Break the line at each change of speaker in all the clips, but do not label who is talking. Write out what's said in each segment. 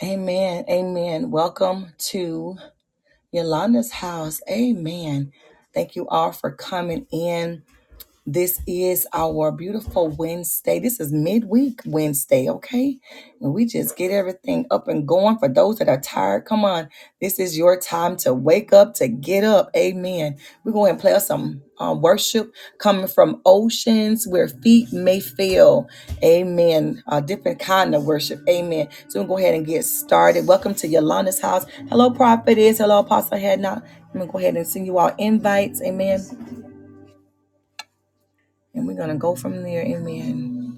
Amen. Amen. Welcome to Yolanda's house. Amen. Thank you all for coming in. This is our beautiful Wednesday. This is midweek Wednesday, okay? And we just get everything up and going for those that are tired. Come on, this is your time to wake up, to get up. Amen. We're going to play us some um, worship coming from oceans where feet may fail. Amen. A different kind of worship. Amen. So we'll go ahead and get started. Welcome to Yolanda's house. Hello, prophetess. Hello, Apostle Hadnot. I'm going to go ahead and send you all invites. Amen. And we're going to go from there. Amen.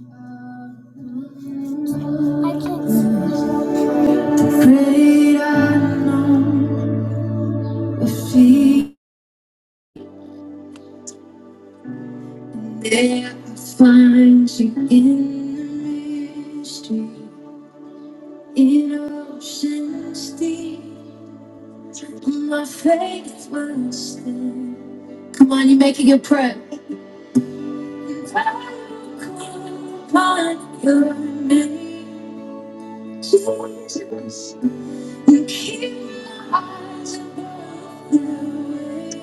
Finds you in the mystery, in oceans deep. My faith will stand. Come on, you make it your prayer. I your name, Jesus. You keep my eyes above the waves.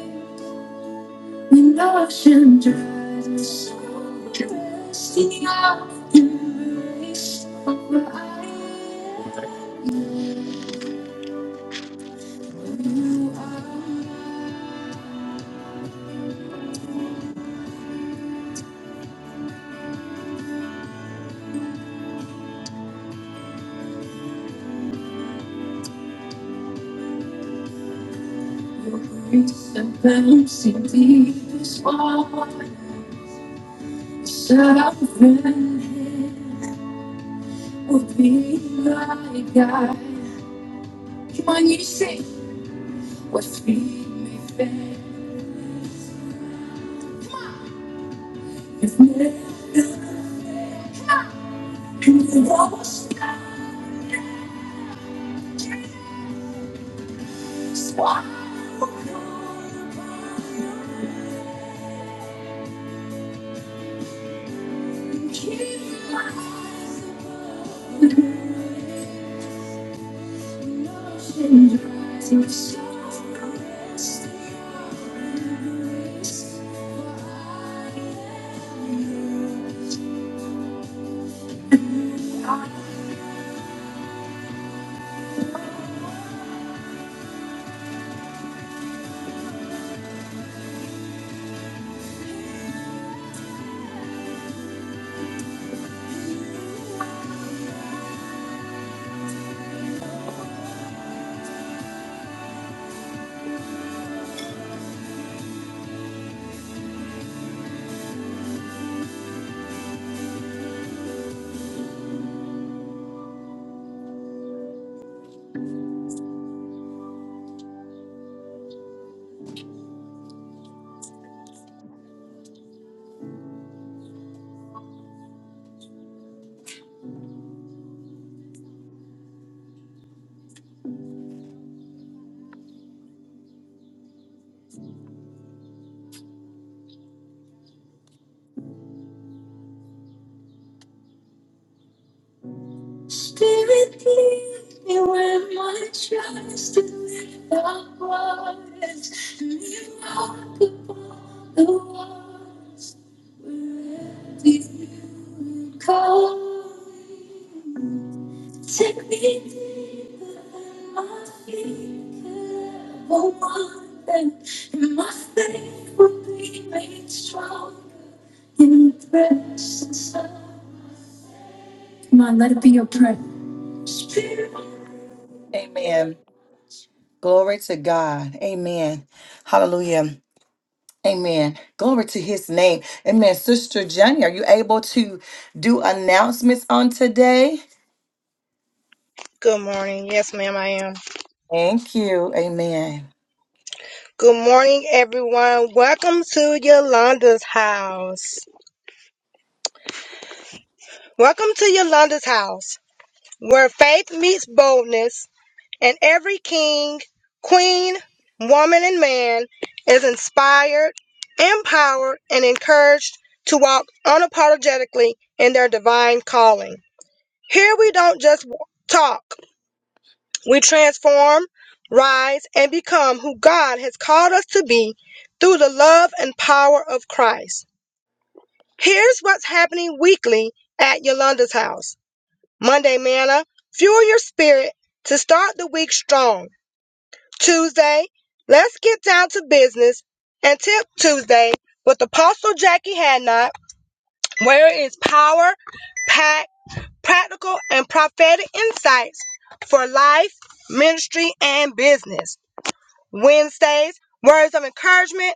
When ocean drifts, resting up embrace of I am. you are grace and mercy deepest water. Sovereign hand will be my guide. Come on, you sing. What feet may fail, if never, come on. and the lost. Spirit, lead me where my trust is without words. And you walk upon the water. Call, me, take me deeper. I think I won't want it. And my faith will be made strong in the presence of. Come on, let it be your prayer. Spirit. Amen. Glory to God. Amen. Hallelujah. Amen. Glory to his name. Amen. Sister Jenny, are you able to do announcements on today?
Good morning. Yes, ma'am, I am.
Thank you. Amen.
Good morning, everyone. Welcome to Yolanda's house. Welcome to Yolanda's house, where faith meets boldness, and every king, queen, woman, and man is inspired, empowered, and encouraged to walk unapologetically in their divine calling. Here we don't just w- talk, We transform, rise, and become who God has called us to be through the love and power of Christ. Here's what's happening weekly at Yolanda's house. Monday, manna, fuel your spirit to start the week strong. Tuesday, let's get down to business and tip Tuesday with Apostle Jackie Hadnot, where it is power, packed, practical, and prophetic insights for life, ministry, and business. Wednesdays, words of encouragement,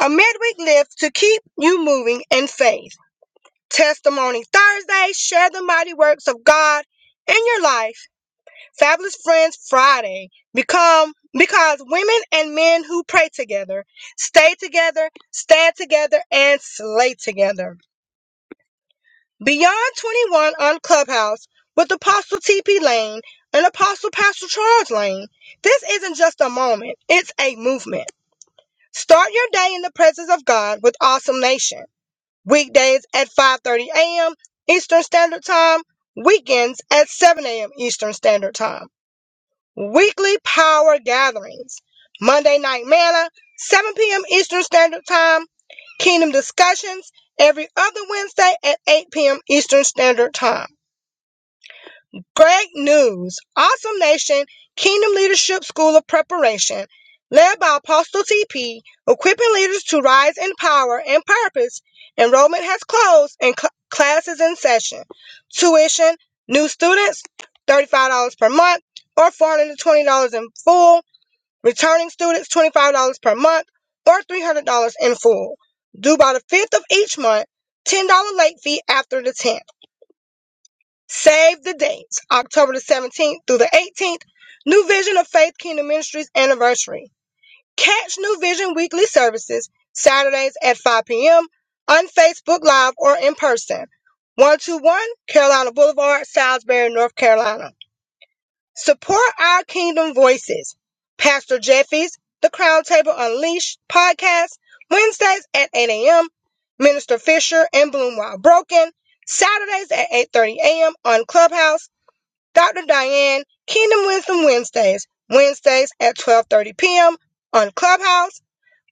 a midweek lift to keep you moving in faith. Testimony Thursday, share the mighty works of God in your life. Fabulous Friends Friday, become because women and men who pray together, stay together, stand together, and slay together. Beyond 21 on Clubhouse with Apostle TP Lane and Apostle Pastor Charles Lane. This isn't just a moment, it's a movement. Start your day in the presence of God with Awesome Nation. Weekdays at 5:30 a.m. Eastern Standard Time, weekends at 7 a.m. Eastern Standard Time. Weekly power gatherings. Monday night manna, 7 p.m. Eastern Standard Time. Kingdom discussions every other Wednesday at 8 p.m. Eastern Standard Time. Great news! Awesome Nation Kingdom Leadership School of Preparation, led by Apostle TP, equipping leaders to rise in power and purpose. Enrollment has closed and cl- classes in session. Tuition, new students, $35 per month or $420 in full. Returning students, $25 per month or $300 in full. Due by the 5th of each month, $10 late fee after the 10th. Save the dates, October the 17th through the 18th, New Vision of Faith Kingdom Ministries anniversary. Catch New Vision weekly services Saturdays at 5 p.m. on Facebook Live or in person. 121 Carolina Boulevard, Salisbury, North Carolina. Support our Kingdom Voices. Pastor Jeffy's The Crown Table Unleashed podcast, Wednesdays at 8 a.m. Minister Fisher and Bloom While Broken, Saturdays at 8.30 a.m. on Clubhouse Dr. Diane Kingdom Wisdom Wednesdays, Wednesdays at 12:30 p.m. on Clubhouse,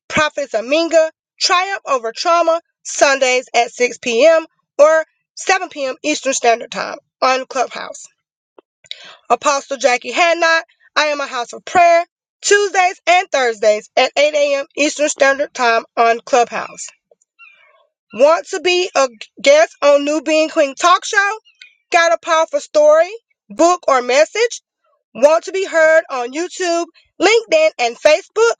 Prophets Aminga, Triumph Over Trauma, Sundays at 6 p.m. or 7 p.m. Eastern Standard Time on Clubhouse. Apostle Jackie Hadnot, I am a house of prayer, Tuesdays and Thursdays at 8 a.m. Eastern Standard Time on Clubhouse. Want to be a guest on New Being Queen Talk Show? Got a powerful story, book, or message? Want to be heard on YouTube, LinkedIn, and Facebook?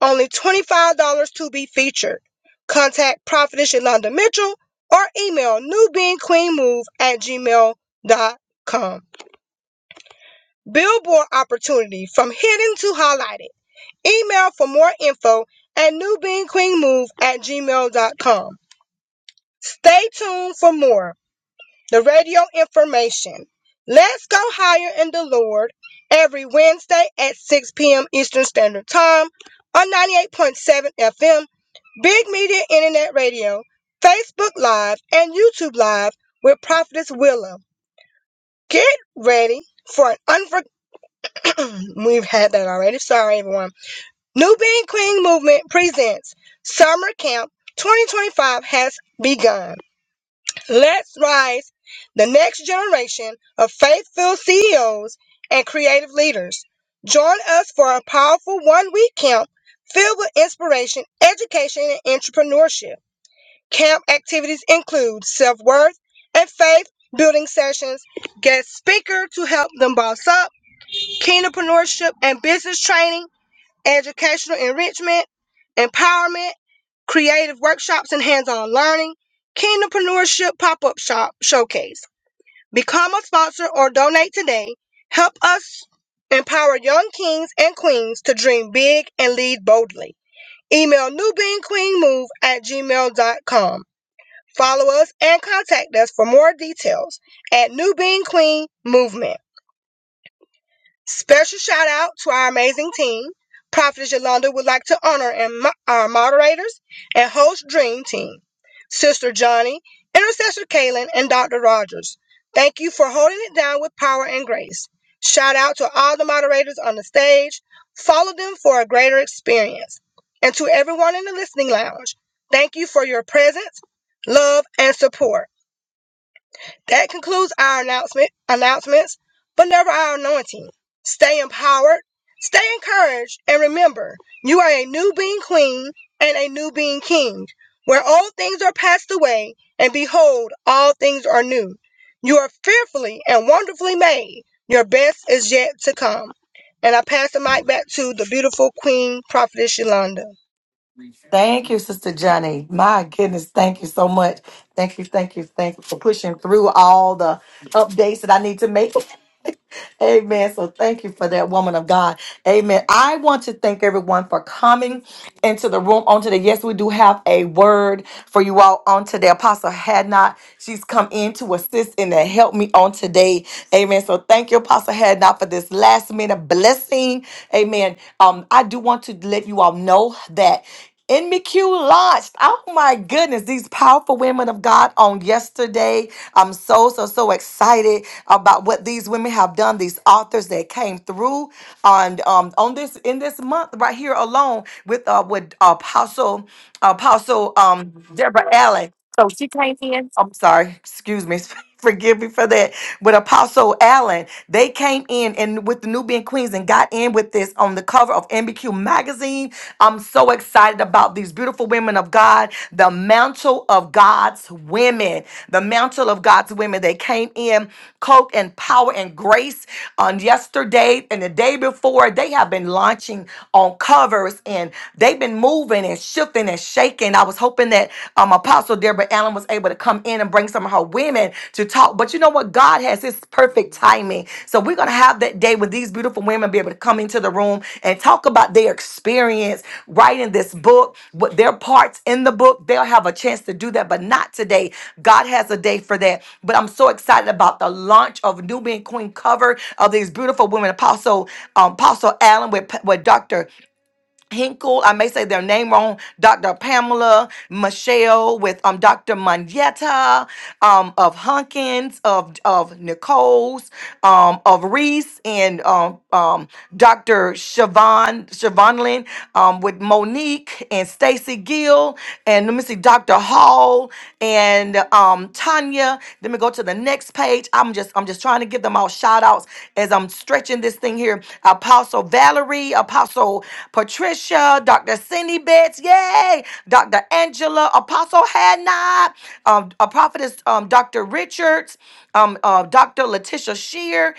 Only $25 to be featured. Contact Prophetess Yolanda Mitchell or email newbeingqueenmove at gmail dot com. Billboard opportunity from hidden to highlighted. Email for more info at newbeingqueenmove at gmail dot com. Stay tuned for more. the radio information. Let's go higher in the Lord every Wednesday at 6 p.m. Eastern Standard Time on 98.7 FM, Big Media Internet Radio, Facebook Live, and YouTube Live with Prophetess Willow. Get ready for an unfor- we've had that already. Sorry, everyone. New Being Queen Movement presents Summer Camp 2025 has begun. Let's rise the next generation of faith-filled CEOs and creative leaders. Join us for a powerful one-week camp filled with inspiration, education, and entrepreneurship. Camp activities include self-worth and faith building sessions, guest speaker to help them boss up, kingdompreneurship and business training, educational enrichment, empowerment, creative workshops and hands-on learning, kingdompreneurship pop-up shop showcase. Become a sponsor or donate today. Help us empower young kings and queens to dream big and lead boldly. Email newbeingqueenmove at gmail.com. Follow us and contact us for more details at New Being Queen Movement. Special shout out to our amazing team. Prophetess Yolanda would like to honor and mo- our moderators and host Dream Team, Sister Johnny, Intercessor Kaylin, and Dr. Rogers. Thank you for holding it down with power and grace. Shout out to all the moderators on the stage. Follow them for a greater experience. And to everyone in the listening lounge, thank you for your presence, love, and support. That concludes our announcement announcements, but never our anointing. Stay empowered, stay encouraged, and remember, you are a new being queen and a new being king, where old things are passed away, and behold, all things are new. You are fearfully and wonderfully made. Your best is yet to come. And I pass the mic back to the beautiful Queen Prophetess Yolanda.
Thank you, Sister Johnny. My goodness, thank you so much. Thank you, thank you, thank you for pushing through all the updates that I need to make. Amen. So thank you for that woman of God. Amen. I want to thank everyone for coming into the room on today. Yes, we do have a word for you all on today. Apostle had not. She's come in to assist and to help me on today. Amen. So thank you, Apostle had not for this last minute blessing. Amen. Um, I do want to let you all know that. In McHugh launched. Oh my goodness, these powerful women of God on yesterday. I'm so, so, so excited about what these women have done, these authors that came through on um on this in this month right here alone with uh with Apostle Apostle um Deborah Allen. So she came in. I'm sorry, excuse me, forgive me for that. But Apostle Allen, they came in and with the Nubian Queens and got in with this on the cover of MBQ magazine. I'm so excited about these beautiful women of God, the mantle of God's women, the mantle of God's women. They came in coke and power and grace on yesterday and the day before. They have been launching on covers and they've been moving and shifting shifting and shaking. I was hoping that um, Apostle Deborah Allen was able to come in and bring some of her women to talk. But you know what? God has His perfect timing. So we're going to have that day when these beautiful women be able to come into the room and talk about their experience writing this book, what their parts in the book. They'll have a chance to do that, but not today. God has a day for that. But I'm so excited about the launch of Nubian Queen cover of these beautiful women, Apostle um, Apostle Allen with, with Dr. Hinkle, I may say their name wrong, Dr. Pamela Michelle with um Dr. Manetta um of Hunkins of of Nichols um of Reese and um um Dr. Siobhan Siobhanlin um with Monique and Stacy Gill and let me see Dr. Hall and um Tanya. Let me go to the next next page. I'm just I'm just trying to give them all shout outs as I'm stretching this thing here. Apostle Valerie, Apostle Patricia, Dr. Cindy Betts, yay, Dr. Angela, Apostle Hannah, um, a prophetess, um, Dr. Richards, um, uh, Dr. Letitia Shear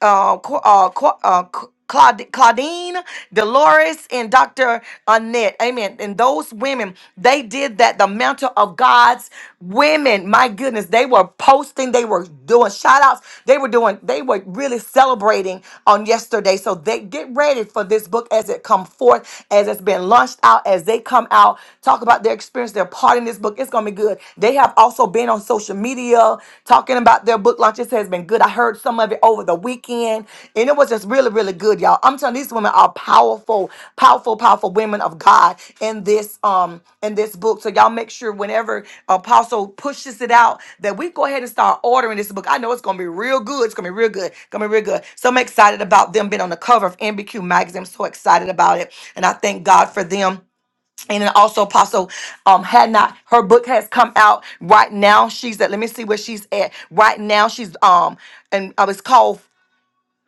uh, Qu- uh, Qu- uh, Qu- Claud- Claudine, Dolores, and Dr. Annette. Amen. And those women, they did that. The mantle of God's women, my goodness, they were posting, they were doing shout outs, they were doing, they were really celebrating on yesterday. So they get ready for this book as it come forth, as it's been launched out, as they come out, talk about their experience, their part in this book. It's going to be good. They have also been being on social media, talking about their book launches has been good. I heard some of it over the weekend, and it was just really, really good, y'all. I'm telling you, these women are powerful, powerful, powerful women of God in this um in this book. So y'all make sure whenever Apostle pushes it out that we go ahead and start ordering this book. I know it's gonna be real good. It's gonna be real good. It's gonna be real good. So I'm excited about them being on the cover of MBQ magazine. I'm so excited about it, and I thank God for them and then also apostle um had not her book has come out right now she's at let me see where she's at right now she's um and uh, it's called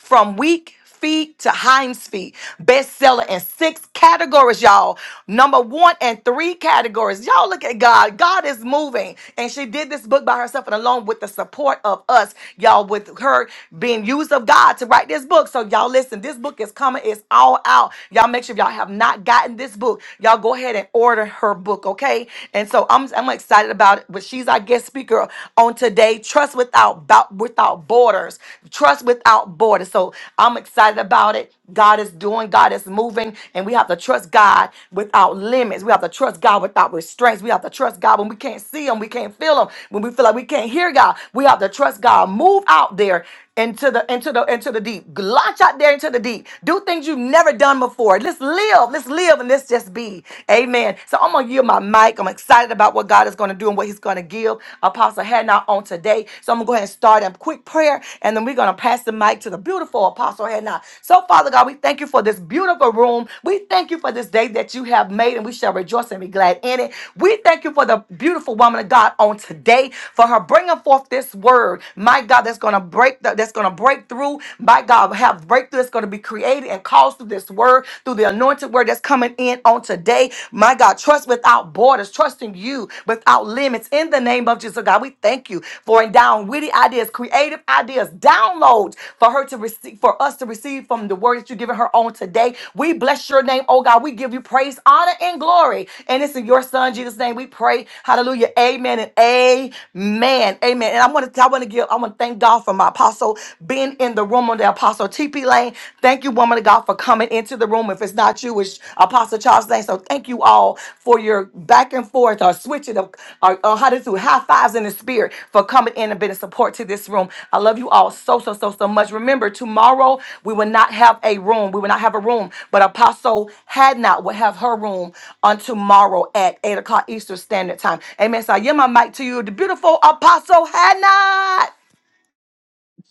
from weak feet to Heinz feet. Bestseller in six categories, y'all. Number one and three categories. Y'all look at God. God is moving. And she did this book by herself and alone with the support of us, y'all, with her being used of God to write this book. So y'all listen, this book is coming. It's all out. Y'all make sure if y'all have not gotten this book, y'all go ahead and order her book, okay? And so I'm, I'm excited about it. But she's our guest speaker on today trust without bo- without borders, trust without borders. So I'm excited about it. God is doing, God is moving, and we have to trust God without limits. We have to trust God without restraints. We have to trust God when we can't see Him, we can't feel Him, when we feel like we can't hear God. We have to trust God. Move out there into the into the into the deep. Launch out there into the deep. Do things you've never done before. Let's live. Let's live and let's just be. Amen. So I'm gonna yield my mic. I'm excited about what God is gonna do and what He's gonna give Apostle Hannah on today. So I'm gonna go ahead and start a quick prayer, and then we're gonna pass the mic to the beautiful Apostle Hannah. So Father God, we thank you for this beautiful room. We thank you for this day that you have made, and we shall rejoice and be glad in it. We thank you for the beautiful woman of God on today for her bringing forth this word, my God, that's gonna gonna break the, that's gonna break through. By God, have breakthrough that's gonna be created and caused through this word, through the anointed word that's coming in on today. My God, trust without borders, trusting you without limits. In the name of Jesus, God, we thank you for endowing witty ideas, creative ideas, downloads for her to receive, for us to receive from the word that you're giving her on today. We bless your name, oh God. We give you praise, honor, and glory. And it's in your son Jesus' name we pray. Hallelujah. Amen and amen. Amen. And I want to I want to give I want to thank thank God for my apostle being in the room on the apostle TP Lane. Thank you, woman of God, for coming into the room. If it's not you, it's Apostle Charles Lane. So thank you all for your back and forth or switching of or, or how to do high fives in the spirit for coming in and being a support to this room. I love you all so so so so much. Remember, tomorrow we will not have a room. We will not have a room, but Apostle had not will have her room on tomorrow at eight o'clock Eastern Standard Time. Amen. So I yield my mic to you, the beautiful Apostle had not.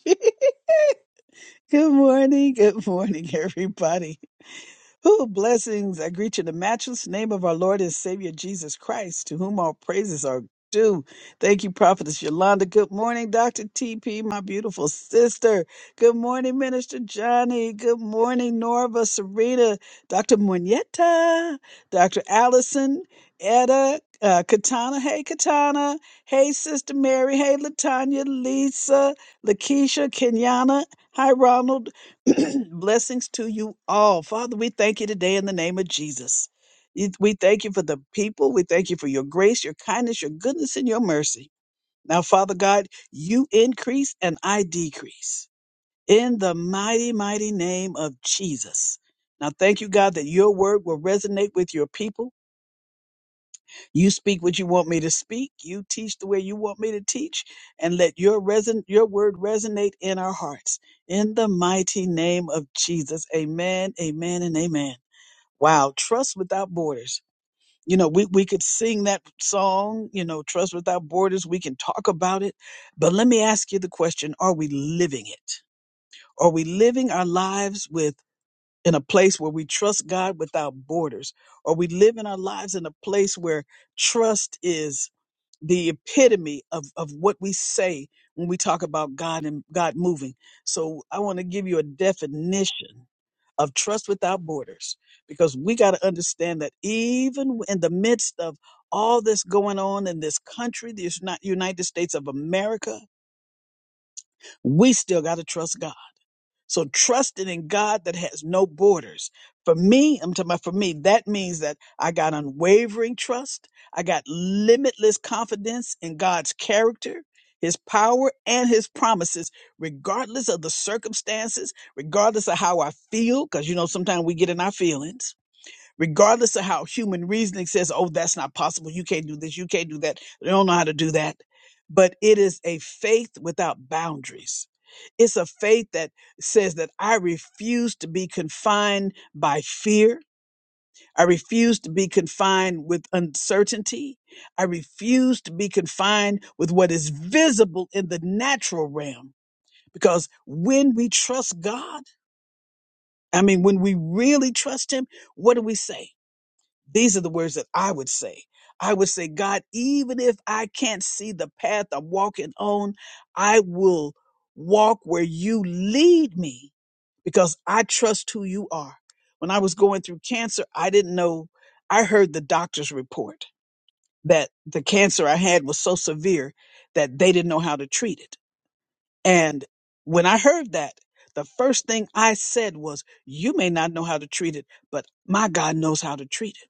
Good morning. Good morning, everybody. Who blessings I greet you in the matchless name of our Lord and Savior Jesus Christ, to whom all praises are due. Thank you, Prophetess Yolanda. Good morning, Dr. TP, my beautiful sister. Good morning, Minister Johnny. Good morning, Norva, Serena, Dr. Munieta, Dr. Allison, Etta, uh, Katana. Hey, Katana. Hey, Sister Mary. Hey, Latanya, Lisa, Lakeisha, Kenyana. Hi, Ronald. Blessings to you all. Father, we thank you today in the name of Jesus. You- We thank you for the people. We thank you for your grace, your kindness, your goodness, and your mercy. Now, Father God, you increase and I decrease in the mighty, mighty name of Jesus. Now, thank you, God, that your word will resonate with your people. You speak what you want me to speak. You teach the way you want me to teach, and let your reson- your word resonate in our hearts. In the mighty name of Jesus, Amen, Amen, and Amen. Wow, trust without borders. You know, we we could sing that song. You know, trust without borders. We can talk about it, but let me ask you the question: Are we living it? Are we living our lives with? In a place where we trust God without borders, Are we living our lives in a place where trust is the epitome of, of what we say when we talk about God and God moving. So I want to give you a definition of trust without borders because we got to understand that even in the midst of all this going on in this country, this Uni- United States of America, we still got to trust God so trusting in God that has no borders. For me, I'm talking about for me, that means that I got unwavering trust. I got limitless confidence in God's character, his power, and his promises, regardless of the circumstances, regardless of how I feel, because you know sometimes we get in our feelings regardless of how human reasoning says, oh, that's not possible. You can't do this. You can't do that. They don't know how to do that. But it is a faith without boundaries. It's a faith that says that I refuse to be confined by fear. I refuse to be confined with uncertainty. I refuse to be confined with what is visible in the natural realm. Because when we trust God, I mean, when we really trust Him, what do we say? These are the words that I would say. I would say, God, even if I can't see the path I'm walking on, I will walk where you lead me because I trust who you are. When I was going through cancer, I didn't know. I heard the doctor's report that the cancer I had was so severe that they didn't know how to treat it. And when I heard that, the first thing I said was, You may not know how to treat it, but my God knows how to treat it.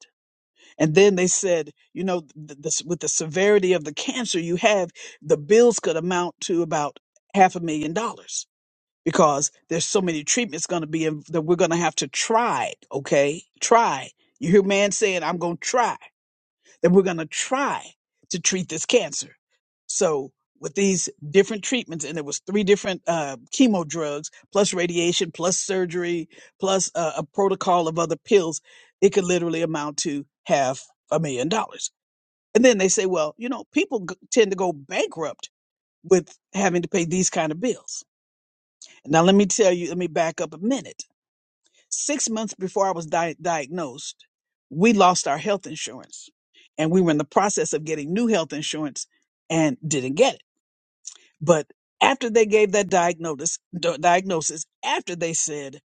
And then they said, you know, th- this, with the severity of the cancer you have, the bills could amount to about half a million dollars because there's so many treatments going to be in, that we're going to have to try. Okay, try. You hear man saying, "I'm going to try." that we're going to try to treat this cancer. So with these different treatments, and it was three different uh, chemo drugs, plus radiation, plus surgery, plus uh, a protocol of other pills, it could literally amount to half a million dollars. And then they say, well, you know, people g- tend to go bankrupt with having to pay these kind of bills. Now let me tell you, let me back up a minute Six months before I was di- diagnosed, we lost our health insurance and we were in the process of getting new health insurance and didn't get it. But after they gave that diagnosis, d- diagnosis after they said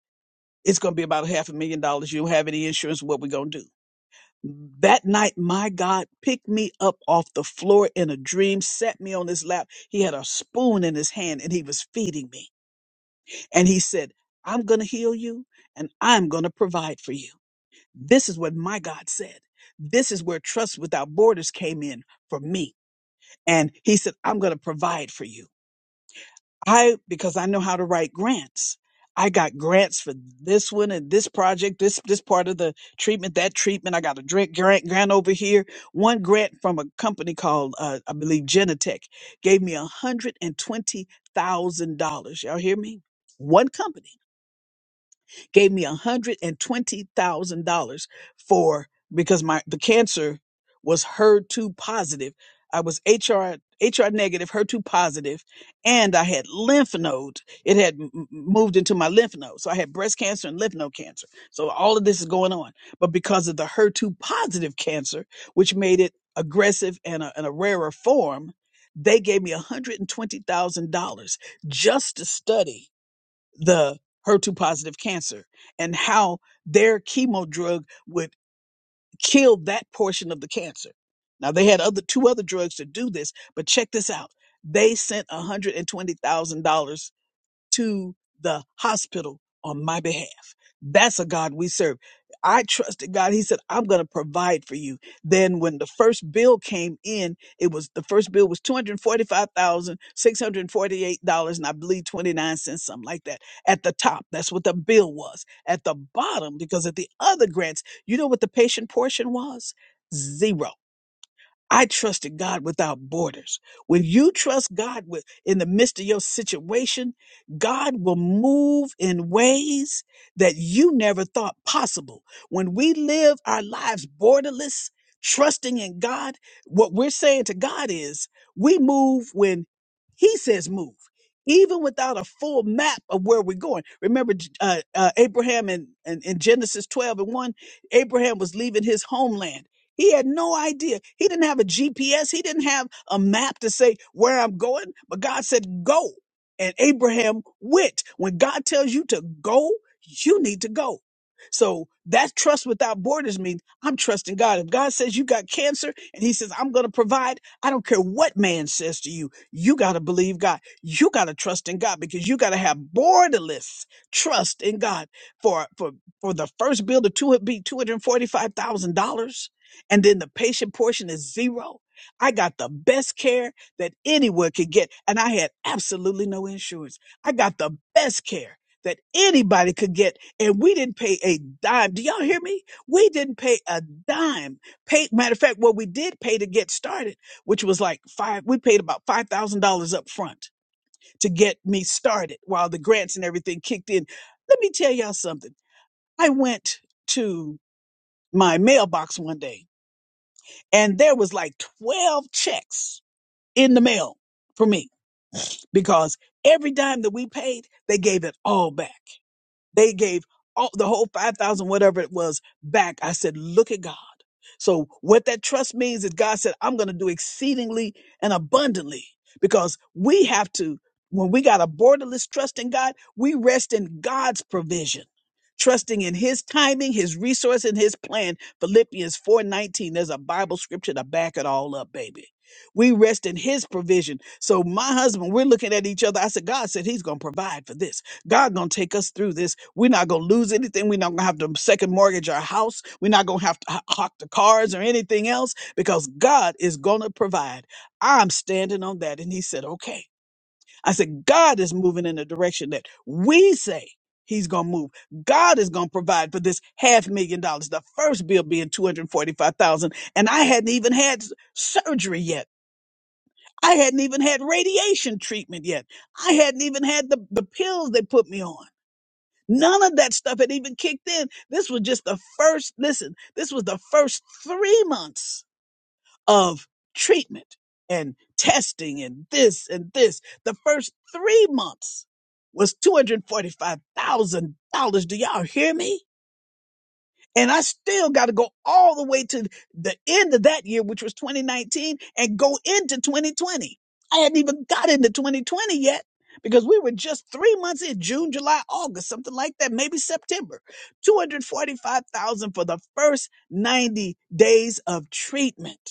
it's going to be about half a million dollars, you don't have any insurance, what we going to do? That night, my God picked me up off the floor in a dream, set me on his lap. He had a spoon in his hand and he was feeding me. And he said, I'm going to heal you and I'm going to provide for you. This is what my God said. This is where Trust Without Borders came in for me. And he said, I'm going to provide for you. I, because I know how to write grants, I got grants for this one and this project, this, this part of the treatment, that treatment. I got a drink grant, grant over here. One grant from a company called, uh, I believe Genentech gave me $120,000. Y'all hear me? One company gave me $120,000 for because my the cancer was HER2 positive. I was HR HR negative, HER2 positive, and I had lymph node. It had m- m- moved into my lymph node. So I had breast cancer and lymph node cancer. So all of this is going on. But because of the HER2 positive cancer, which made it aggressive and a, and a rarer form, they gave me $120,000 just to study the HER2 positive cancer and how their chemo drug would kill that portion of the cancer. Now they had other two other drugs to do this, but check this out. They sent $120,000 to the hospital on my behalf. That's a God we serve. I trusted God. He said, I'm going to provide for you. Then when the first bill came in, it was the first bill was $245,648 and I believe 29 cents, something like that. At the top, that's what the bill was. At the bottom, because of the other grants, you know what the patient portion was? Zero. I trusted God without borders. When you trust God with in the midst of your situation, God will move in ways that you never thought possible. When we live our lives borderless, trusting in God, what we're saying to God is we move when he says move. Even without a full map of where we're going. Remember uh, uh, Abraham in, in, in Genesis 12 and 1, Abraham was leaving his homeland he had no idea. He didn't have a GPS. He didn't have a map to say where I'm going. But God said, go. And Abraham went. When God tells you to go, you need to go. So that trust without borders means I'm trusting God. If God says you got cancer and he says, I'm going to provide, I don't care what man says to you. You got to believe God. You got to trust in God because you got to have borderless trust in God for, for, for the first bill to two, be $245,000 and then the patient portion is zero. I got the best care that anyone could get, and I had absolutely no insurance. I got the best care that anybody could get, and we didn't pay a dime. Do y'all hear me? We didn't pay a dime. Pay, matter of fact, what we did pay to get started, which was like five, we paid about $5,000 up front to get me started while the grants and everything kicked in. Let me tell y'all something. I went to my mailbox one day and there was like 12 checks in the mail for me because every dime that we paid, they gave it all back. They gave all the whole 5,000, whatever it was, back. I said, look at God. So what that trust means is God said, I'm going to do exceedingly and abundantly because we have to, when we got a borderless trust in God, we rest in God's provision. Trusting in his timing, his resource, and his plan. Philippians 4:19. There's a Bible scripture to back it all up, baby. We rest in his provision. So my husband, we're looking at each other. I said, God said he's gonna provide for this. God gonna take us through this. We're not gonna lose anything. We're not gonna have to second mortgage our house. We're not gonna have to ho- hawk the cars or anything else because God is gonna provide. I'm standing on that. And he said, okay. I said, God is moving in the direction that we say he's gonna move. God is gonna provide for this half million dollars, the first bill being 245,000. And forty-five thousand. And I hadn't even had s- surgery yet. I hadn't even had radiation treatment yet. I hadn't even had the, the pills they put me on. None of that stuff had even kicked in. This was just the first, listen, this was the first three months of treatment and testing and this and this. The first three months was $245,000. Do y'all hear me? And I still got to go all the way to the end of that year, which was 2019, and go into 2020. I hadn't even got into 2020 yet because we were just three months in June, July, August, something like that, maybe September. 245,000 for the first 90 days of treatment.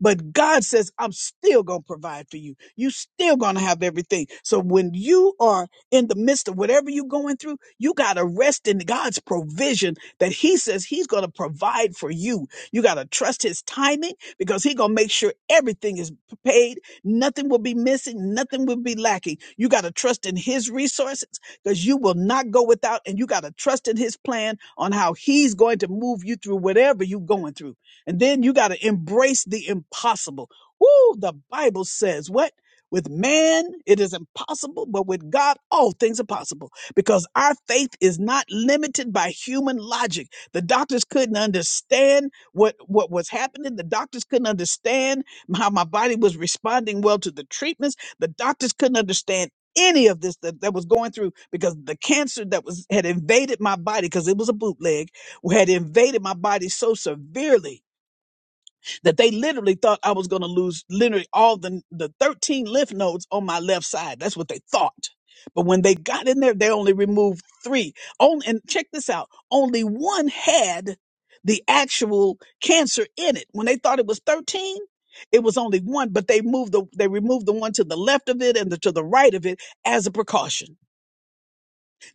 But God says, I'm still going to provide for you. You still going to have everything. So when you are in the midst of whatever you're going through, you got to rest in God's provision that he says he's going to provide for you. You got to trust his timing because he's going to make sure everything is paid. Nothing will be missing. Nothing will be lacking. You got to trust in his resources because you will not go without and you got to trust in his plan on how he's going to move you through whatever you're going through. And then you got to embrace the impossible. Woo, the Bible says what? With man, it is impossible, but with God, all things are possible because our faith is not limited by human logic. The doctors couldn't understand what, what was happening. The doctors couldn't understand how my body was responding well to the treatments. The doctors couldn't understand any of this that, that was going through because the cancer that was had invaded my body because it was a bootleg had invaded my body so severely that they literally thought I was going to lose literally all the, the 13 lymph nodes on my left side. That's what they thought. But when they got in there, they only removed three. On, and check this out. Only one had the actual cancer in it. When they thought it was 13, it was only one, but they moved the, they removed the one to the left of it and the, to the right of it as a precaution.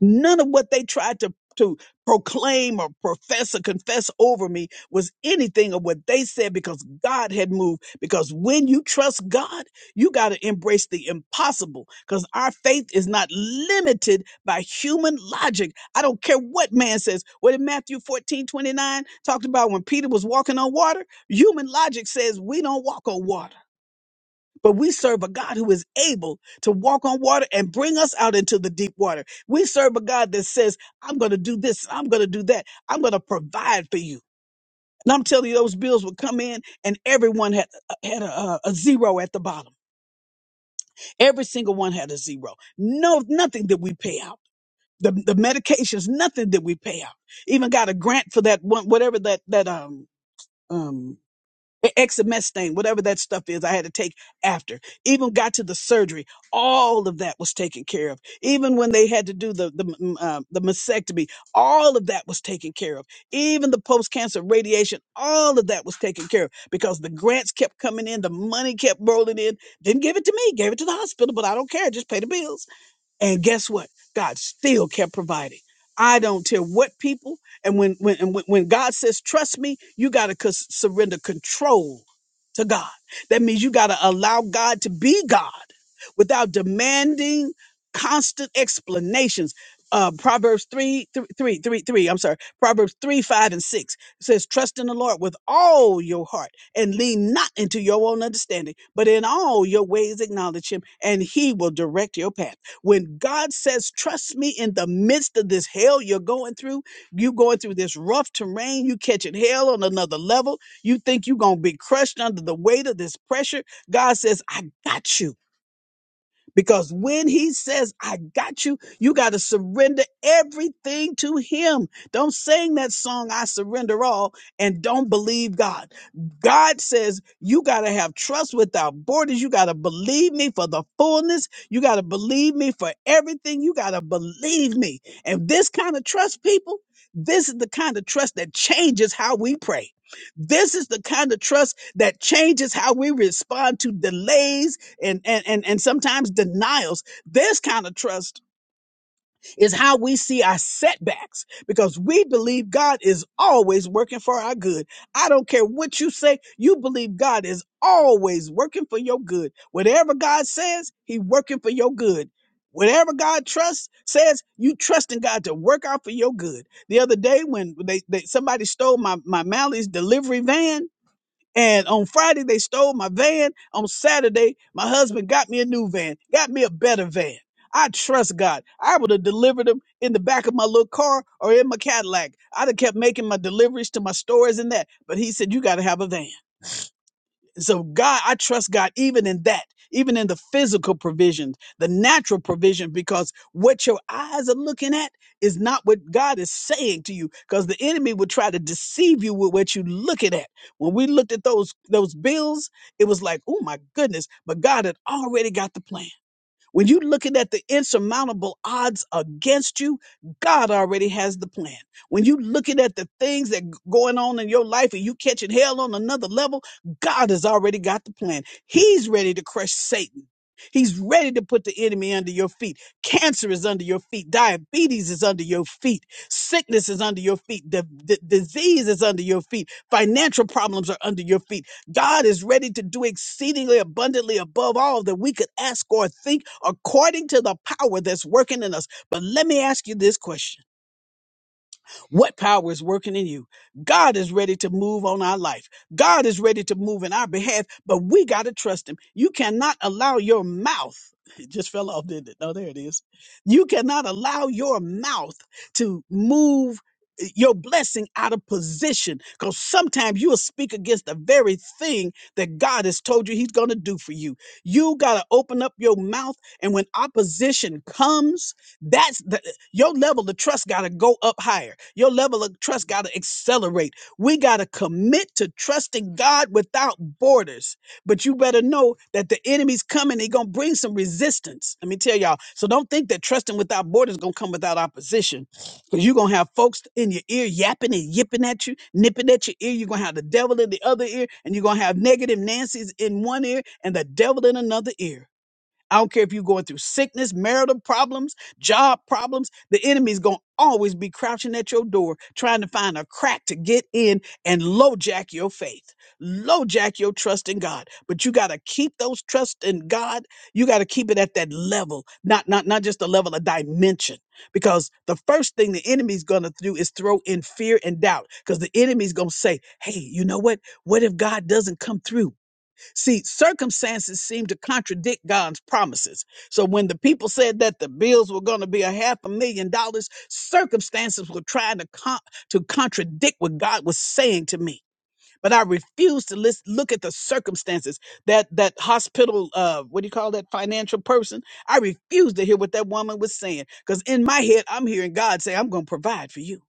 None of what they tried to to proclaim or profess or confess over me was anything of what they said because God had moved. Because when you trust God, you got to embrace the impossible because our faith is not limited by human logic. I don't care what man says. What in Matthew 14 29 talked about when Peter was walking on water, human logic says we don't walk on water. But we serve a God who is able to walk on water and bring us out into the deep water. We serve a God that says, I'm going to do this, I'm going to do that, I'm going to provide for you. And I'm telling you, those bills would come in, and everyone had uh, had a, a a zero at the bottom. Every single one had a zero. No, nothing that we pay out. The, the medications, nothing that we pay out. Even got a grant for that one, whatever that that um um, e- XMS thing, whatever that stuff is, I had to take after. Even got to the surgery, all of that was taken care of. Even when they had to do the the m- uh, the mastectomy, all of that was taken care of. Even the post cancer radiation, all of that was taken care of because the grants kept coming in, the money kept rolling in. Didn't give it to me, gave it to the hospital, but I don't care. Just pay the bills. And guess what? God still kept providing. I don't care what people. And when when and when when God says trust me, you got to surrender control to God. That means you got to allow God to be God without demanding constant explanations. Uh, Proverbs three three three, three, three. I'm sorry, Proverbs 3, 5, and 6 says, Trust in the Lord with all your heart and lean not into your own understanding, but in all your ways acknowledge him, and he will direct your path. When God says, Trust me in the midst of this hell you're going through, you going through this rough terrain, you catching hell on another level, you think you're going to be crushed under the weight of this pressure. God says, I got you. Because when he says, I got you, you got to surrender everything to him. Don't sing that song, I surrender all, and don't believe God. God says, you got to have trust without borders. You got to believe me for the fullness. You got to believe me for everything. You got to believe me. And this kind of trust, people, this is the kind of trust that changes how we pray. This is the kind of trust that changes how we respond to delays and and and, and sometimes denials this kind of trust is how we see our setbacks because we believe god is always working for our good i don't care what you say you believe god is always working for your good whatever god says he working for your good Whatever God trusts says, you trust in God to work out for your good. The other day when they, they somebody stole my my Mally's delivery van, and on Friday, they stole my van. On Saturday, my husband got me a new van, got me a better van. I trust God. I would have delivered them in the back of my little car or in my Cadillac. I'd have kept making my deliveries to my stores and that. But he said, You got to have a van. So God, I trust God even in that, even in the physical provisions, the natural provision, because what your eyes are looking at is not what God is saying to you, because the enemy will try to deceive you with what you're looking at. When we looked at those those bills, it was like, oh my goodness, but God had already got the plan. When you're looking at the insurmountable odds against you, God already has the plan. When you're looking at the things that g- going on in your life and you catching hell on another level, God has already got the plan. He's ready to crush Satan. He's ready to put the enemy under your feet. Cancer is under your feet. Diabetes is under your feet. Sickness is under your feet. The disease is under your feet. Financial problems are under your feet. God is ready to do exceedingly abundantly above all that we could ask or think according to the power that's working in us. But let me ask you this question what power is working in you. God is ready to move on our life. God is ready to move in our behalf, but we got to trust him. You cannot allow your mouth, it just fell off, didn't it? No, there it is. You cannot allow your mouth to move eh, your blessing out of position because sometimes you'll speak against the very thing that God has told you he's going to do for you. You got to open up your mouth. And when opposition comes, that's the. Your level of trust got to go up higher. Your level of trust got to accelerate. We got to commit to trusting God without borders. But you better know that the enemy's coming. He going to bring some resistance. Let me tell y'all. So don't think that trusting without borders is going to come without opposition because you're going to have folks in your ear yapping and yipping at you, nipping at your ear. You're going to have the devil in the other ear, and you're going to have negative Nancy's in one ear and the devil in another ear. I don't care if you're going through sickness, marital problems, job problems, the enemy's going to always be crouching at your door trying to find a crack to get in and lowjack your faith, lowjack your trust in God. But you got to keep those trust in God. You got to keep it at that level, not, not, not just a level of dimension, because the first thing the enemy's going to do is throw in fear and doubt because the enemy's going to say, Hey, you know what? What if God doesn't come through? See, circumstances seem to contradict God's promises. So when the people said that the bills were going to be a half a million dollars, circumstances were trying to con- to contradict what God was saying to me. But I refused to list, look at the circumstances. That that hospital, uh, what do you call that financial person? I refused to hear what that woman was saying because in my head, I'm hearing God say, "I'm going to provide for you."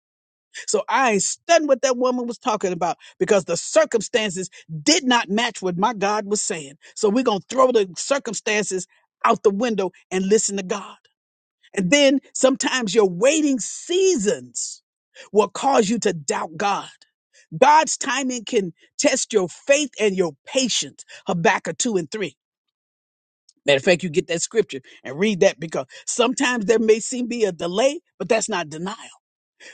So I ain't stunned what that woman was talking about because the circumstances did not match what my God was saying. So we're going to throw the circumstances out the window and listen to God. And then sometimes your waiting seasons will cause you to doubt God. God's timing can test your faith and your patience. Habakkuk 2 and 3. Matter of fact, you get that scripture and read that because sometimes there may seem be a delay, but that's not denial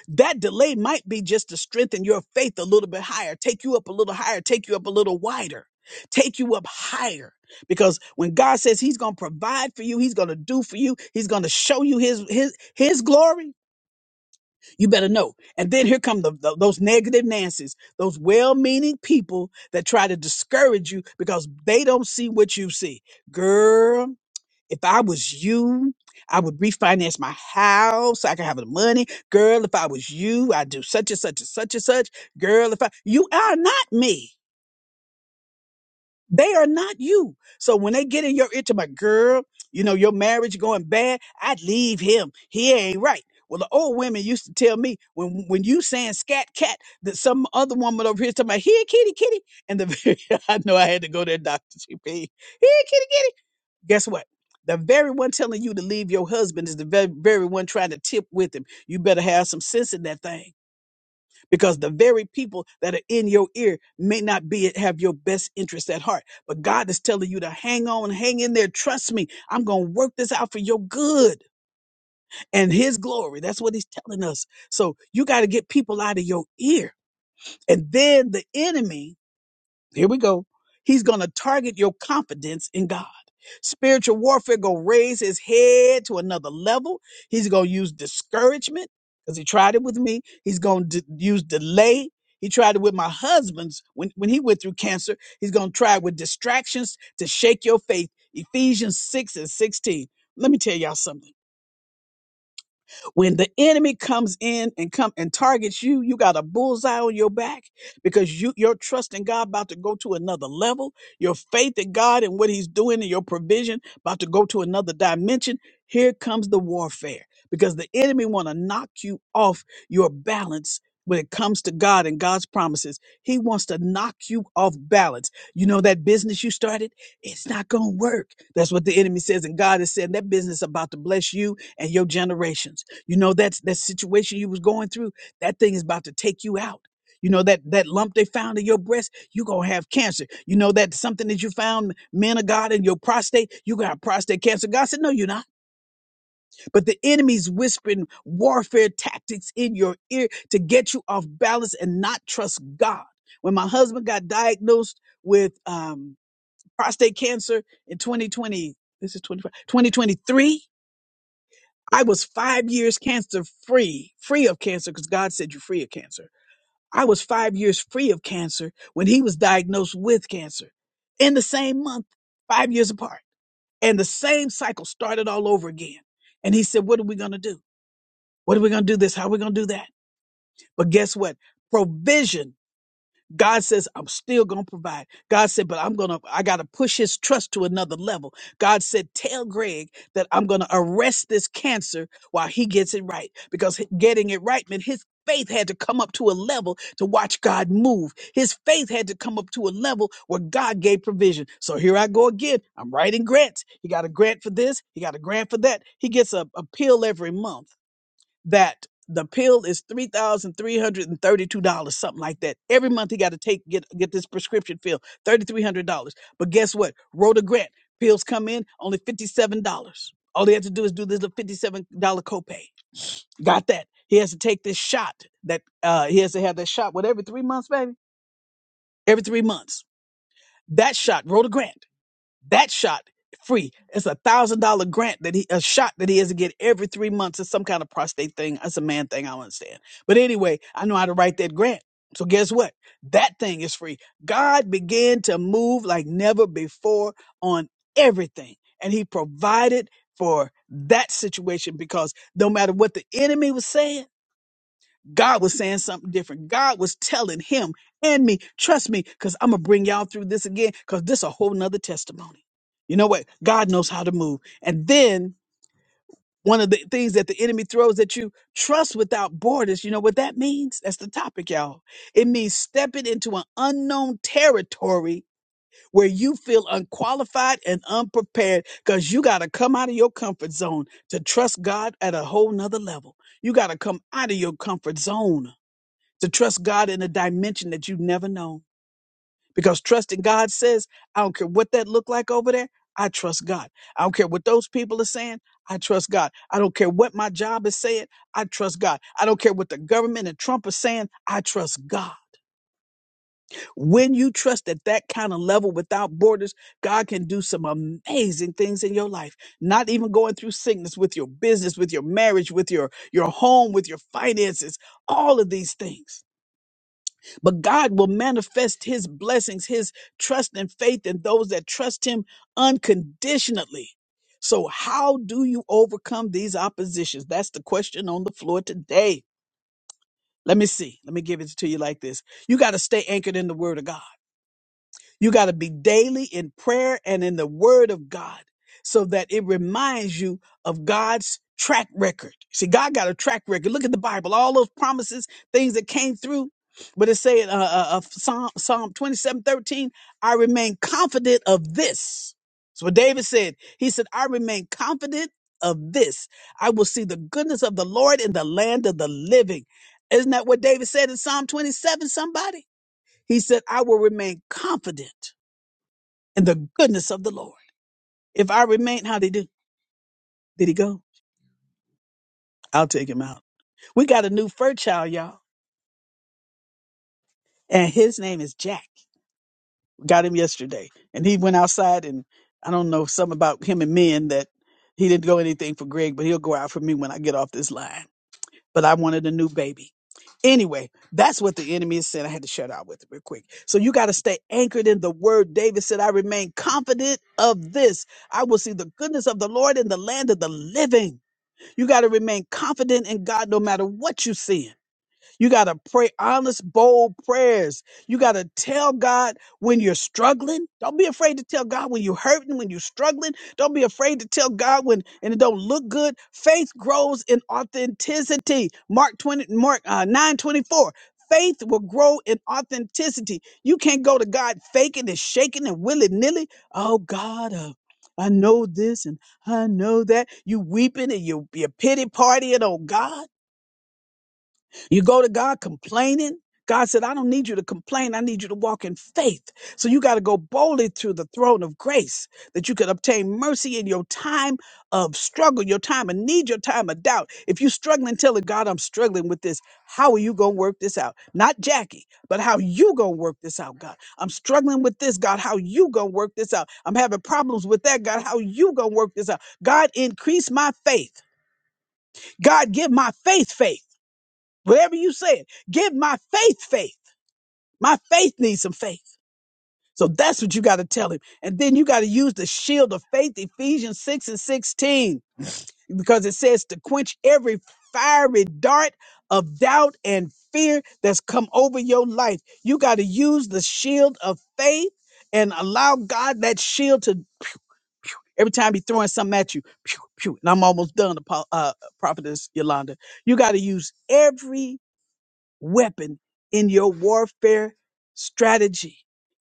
that delay might be just to strengthen your faith a little bit higher, take you up a little higher, take you up a little wider, take you up higher. Because when God says He's going to provide for you, He's going to do for you, He's going to show you His His His glory, you better know. And then here come the, the- those negative nancies, those well-meaning people that try to discourage you because they don't see what you see, girl. If I was you, I would refinance my house. so I could have the money. Girl, if I was you, I'd do such and such and such and such. Girl, if I, you are not me. They are not you. So when they get in your into my girl, you know, your marriage going bad, I'd leave him. He ain't right. Well, the old women used to tell me when when you saying scat cat that some other woman over here is talking about here kitty kitty and the I know I had to go there, Doctor GP. Here kitty kitty guess what? The very one telling you to leave your husband is the very, very one trying to tip with him. You better have some sense in that thing because the very people that are in your ear may not be have your best interest at heart. But God is telling you to hang on, hang in there. Trust me, I'm going to work this out for your good and his glory. That's what he's telling us. So you got to get people out of your ear. And then the enemy here we go. He's going to target your confidence in God. Spiritual warfare going to raise his head to another level. He's going to use discouragement because he tried it with me. He's going to use delay. He tried it with my husband's when, when he went through cancer. He's going to try it with distractions to shake your faith. Ephesians 6 and 16. Let me tell y'all something. When the enemy comes in and come and targets you, you got a bullseye on your back because you your trust in God about to go to another level. Your faith in God and what He's doing and your provision about to go to another dimension. Here comes the warfare because the enemy want to knock you off your balance when it comes to God and God's promises. He wants to knock you off balance. You know that business you started? It's not going to work. That's what the enemy says. And God is saying that business is about to bless you and your generations. You know, that's that situation you was going through, that thing is about to take you out. You know, that that lump they found in your breast, you gonna have cancer. You know that something that you found, man of God, in your prostate, you gonna have prostate cancer. God said, No, you're not. But the enemy's whispering warfare tactics in your ear to get you off balance and not trust God. When my husband got diagnosed with um prostate cancer in 2020, this is 25, 2023 I was five years cancer free, free of cancer, because God said you're free of cancer. I was five years free of cancer when he was diagnosed with cancer in the same month, five years apart. And the same cycle started all over again. And he said, What are we going to do? What are we going to do this? How are we going to do that? But guess what? Provision God says, I'm still going to provide. God said, but I'm going to, I got to push his trust to another level. God said, tell Greg that I'm going to arrest this cancer while he gets it right because h- getting it right meant his faith had to come up to a level to watch God move. His faith had to come up to a level where God gave provision. So here I go again. I'm writing grants. He got a grant for this. He got a grant for that. He gets a, a pill every month that the pill is three thousand three hundred and thirty-two dollars, something like that. Every month he got to take get get this prescription pill, thirty-three hundred dollars. But guess what? Rhoda Grant pills come in only fifty-seven dollars. All he has to do is do this little fifty-seven dollar copay. Got that? He has to take this shot that uh he has to have that shot. What every three months, baby? Every three months. That shot, Rhoda Grant that shot free. It's a thousand dollar grant that he a shot that he has to get every three months. It's some kind of prostate thing. It's a man thing. I don't understand. But anyway, I know how to write that grant. So guess what? That thing is free. God began to move like never before on everything, and He provided for that situation because no matter what the enemy was saying. God was saying something different. God was telling him and me, trust me, because I'm gonna bring y'all through this again, because this a whole nother testimony. You know what? God knows how to move. And then one of the things that the enemy throws at you, trust without borders. You know what that means? That's the topic, y'all. It means stepping into an unknown territory where you feel unqualified and unprepared because you got to come out of your comfort zone to trust God at a whole nother level. You got to come out of your comfort zone to trust God in a dimension that you've never known. Because trusting God says, I don't care what that looked like over there, I trust God. I don't care what those people are saying, I trust God. I don't care what my job is saying, I trust God. I don't care what the government and Trump are saying, I trust God. When you trust at that kind of level without borders, God can do some amazing things in your life. Not even going through sickness with your business, with your marriage, with your, your home, with your finances, all of these things But God will manifest his blessings, his trust and faith in those that trust him unconditionally. So, how do you overcome these oppositions? That's the question on the floor today. Let me see. Let me give it to you like this. You got to stay anchored in the word of God. You got to be daily in prayer and in the word of God so that it reminds you of God's track record. See, God got a track record. Look at the Bible, all those promises, things that came through. But it said, uh, uh, uh, Psalm, Psalm 27:13." I remain confident of this. That's what David said. He said, I remain confident of this. I will see the goodness of the Lord in the land of the living. Isn't that what David said in Psalm 27, somebody? He said, I will remain confident and the goodness of the Lord. If I remain, how'd he do? Did he go? I'll take him out. We got a new fur child, y'all, and his name is Jack. Got him yesterday, and he went outside, and I don't know something about him and men that he didn't go anything for Greg, but he'll go out for me when I get off this line. But I wanted a new baby. Anyway, that's what the enemy is saying. I had to shut out with it real quick. So you got to stay anchored in the word. David said, I remain confident of this. I will see the goodness of the Lord in the land of the living. You got to remain confident in God no matter what you see. You got to pray honest, bold prayers. You got to tell God when you're struggling. Don't be afraid to tell God when you're hurting, when you're struggling. Don't be afraid to tell God when and it don't look good. Faith grows in authenticity. Mark 20 Mark uh, 9:24. Faith will grow in authenticity. You can't go to God faking and shaking and willy-nilly. Oh God, uh, I know this and I know that. You weeping and you you pity partying Oh God. You go to God complaining. God said, I don't need you to complain. I need you to walk in faith. So you got to go boldly to the throne of grace that you could obtain mercy in your time of struggle, your time of need, your time of doubt. If you're struggling, telling God, I'm struggling with this, how are you going to work this out? Not Jackie, but how you going to work this out, God? I'm struggling with this, God, how you going to work this out? I'm having problems with that, God, how you going to work this out? God, increase my faith. God, give my faith faith. Wherever you say it, give my faith faith. My faith needs some faith. So that's what you got to tell him. And then you got to use the shield of faith, Ephesians 6 and 16, because it says to quench every fiery dart of doubt and fear that's come over your life. You got to use the shield of faith and allow God that shield to pew, every time he's throwing something at you. Pew, pew. And I'm almost done, Apo- uh, Prophetess Yolanda. You got to use every weapon in your warfare strategy.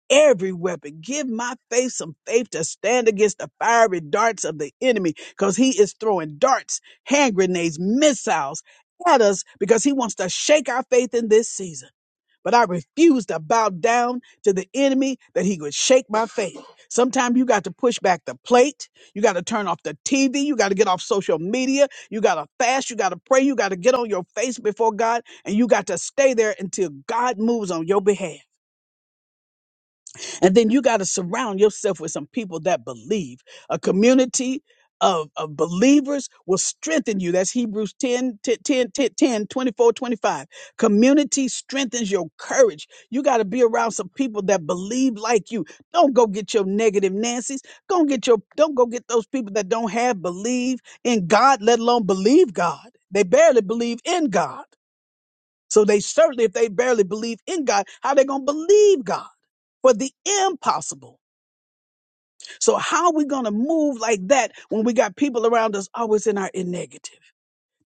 Every weapon. Give my faith some faith to stand against the fiery darts of the enemy because he is throwing darts, hand grenades, missiles at us because he wants to shake our faith in this season. But I refuse to bow down to the enemy that he would shake my faith. Sometimes you got to push back the plate. You got to turn off the TV. You got to get off social media. You got to fast. You got to pray. You got to get on your face before God. And you got to stay there until God moves on your behalf. And then you got to surround yourself with some people that believe. A community of, of believers will strengthen you. That's Hebrews 10, ten, ten, ten, ten, twenty-four, twenty-five. Community strengthens your courage. You got to be around some people that believe like you. Don't go get your negative Nancy's. Go and get your, don't go get those people that don't have believe in God, let alone believe God. They barely believe in God. So they certainly, if they barely believe in God, how they gonna believe God for the impossible? So how are we gonna move like that when we got people around us always in our in negative?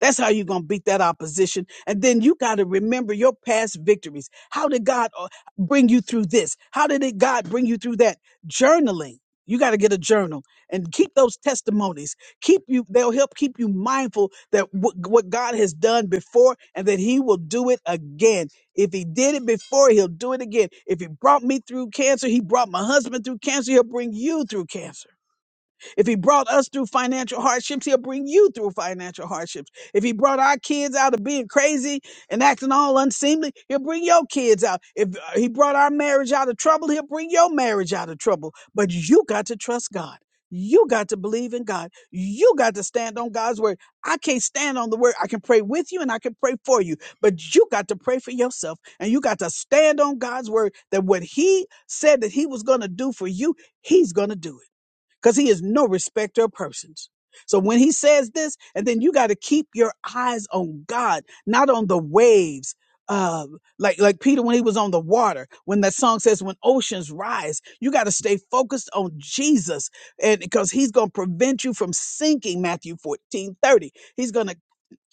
That's how you're going to beat that opposition. And then you got to remember your past victories. How did God uh, bring you through this? How did it, God bring you through that? Journaling. You got to get a journal and keep those testimonies. Keep you, they'll help keep you mindful that what what God has done before and that He will do it again. If He did it before, He'll do it again. If He brought me through cancer, He brought my husband through cancer, He'll bring you through cancer. If he brought us through financial hardships, he'll bring you through financial hardships. If he brought our kids out of being crazy and acting all unseemly, he'll bring your kids out. If uh, he brought our marriage out of trouble, he'll bring your marriage out of trouble. But you got to trust God. You got to believe in God. You got to stand on God's word. I can't stand on the word. I can pray with you and I can pray for you, but you got to pray for yourself and you got to stand on God's word that what he said that he was going to do for you, he's going to do it because he is no respecter of persons. So when he says this, and then you got to keep your eyes on God, not on the waves. Uh, like like Peter when he was on the water, when that song says, "When oceans rise," you got to stay focused on Jesus, and because He's gonna prevent you from sinking. Matthew fourteen thirty. He's gonna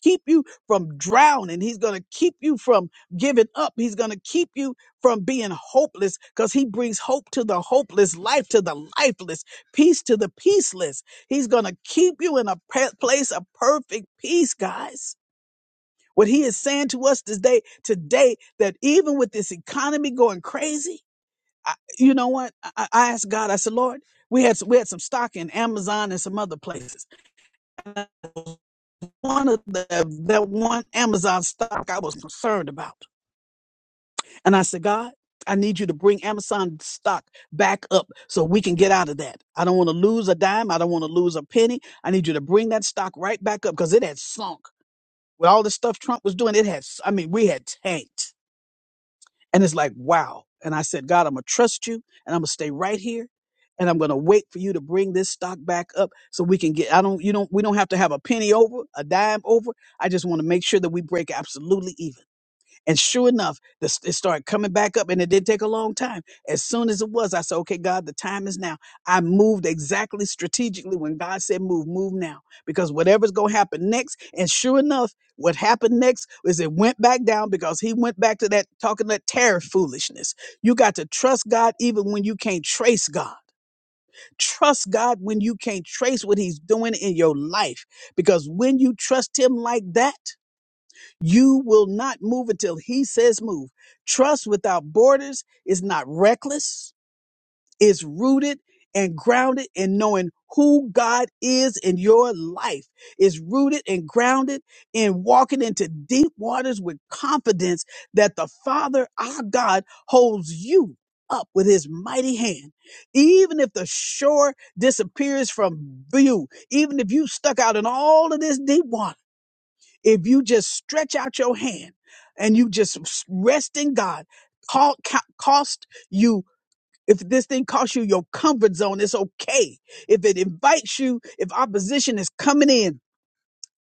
keep you from drowning. He's going to keep you from giving up. He's going to keep you from being hopeless because he brings hope to the hopeless, life to the lifeless, peace to the peaceless. He's going to keep you in a pe- place of perfect peace, guys. What he is saying to us today, today, that even with this economy going crazy, I, you know what? I, I I asked God, I said, Lord, we had, we had some stock in Amazon and some other places one of the that one Amazon stock I was concerned about. And I said, God, I need you to bring Amazon stock back up so we can get out of that. I don't want to lose a dime. I don't want to lose a penny. I need you to bring that stock right back up because it had sunk. With all the stuff Trump was doing, it had, I mean, we had tanked. And it's like, wow. And I said, God, I'm going to trust you and I'm going to stay right here and I'm going to wait for you to bring this stock back up so we can get, I don't, you don't, we don't have to have a penny over, a dime over. I just want to make sure that we break absolutely even. And sure enough, the, it started coming back up, and it did take a long time. As soon as it was, I said, "Okay, God, the time is now." I moved exactly strategically when God said, "Move, move now," because whatever's gonna happen next. And sure enough, what happened next is it went back down because He went back to that talking that tariff foolishness. You got to trust God even when you can't trace God. Trust God when you can't trace what He's doing in your life, because when you trust Him like that. You will not move until he says move. Trust without borders is not reckless, it's rooted and grounded in knowing who God is in your life. It's rooted and grounded in walking into deep waters with confidence that the Father, our God, holds you up with his mighty hand. Even if the shore disappears from view, even if you stuck out in all of this deep water, if you just stretch out your hand and you just s- rest in God, call, co- cost you. If this thing costs you your comfort zone, it's okay. If it invites you, if opposition is coming in,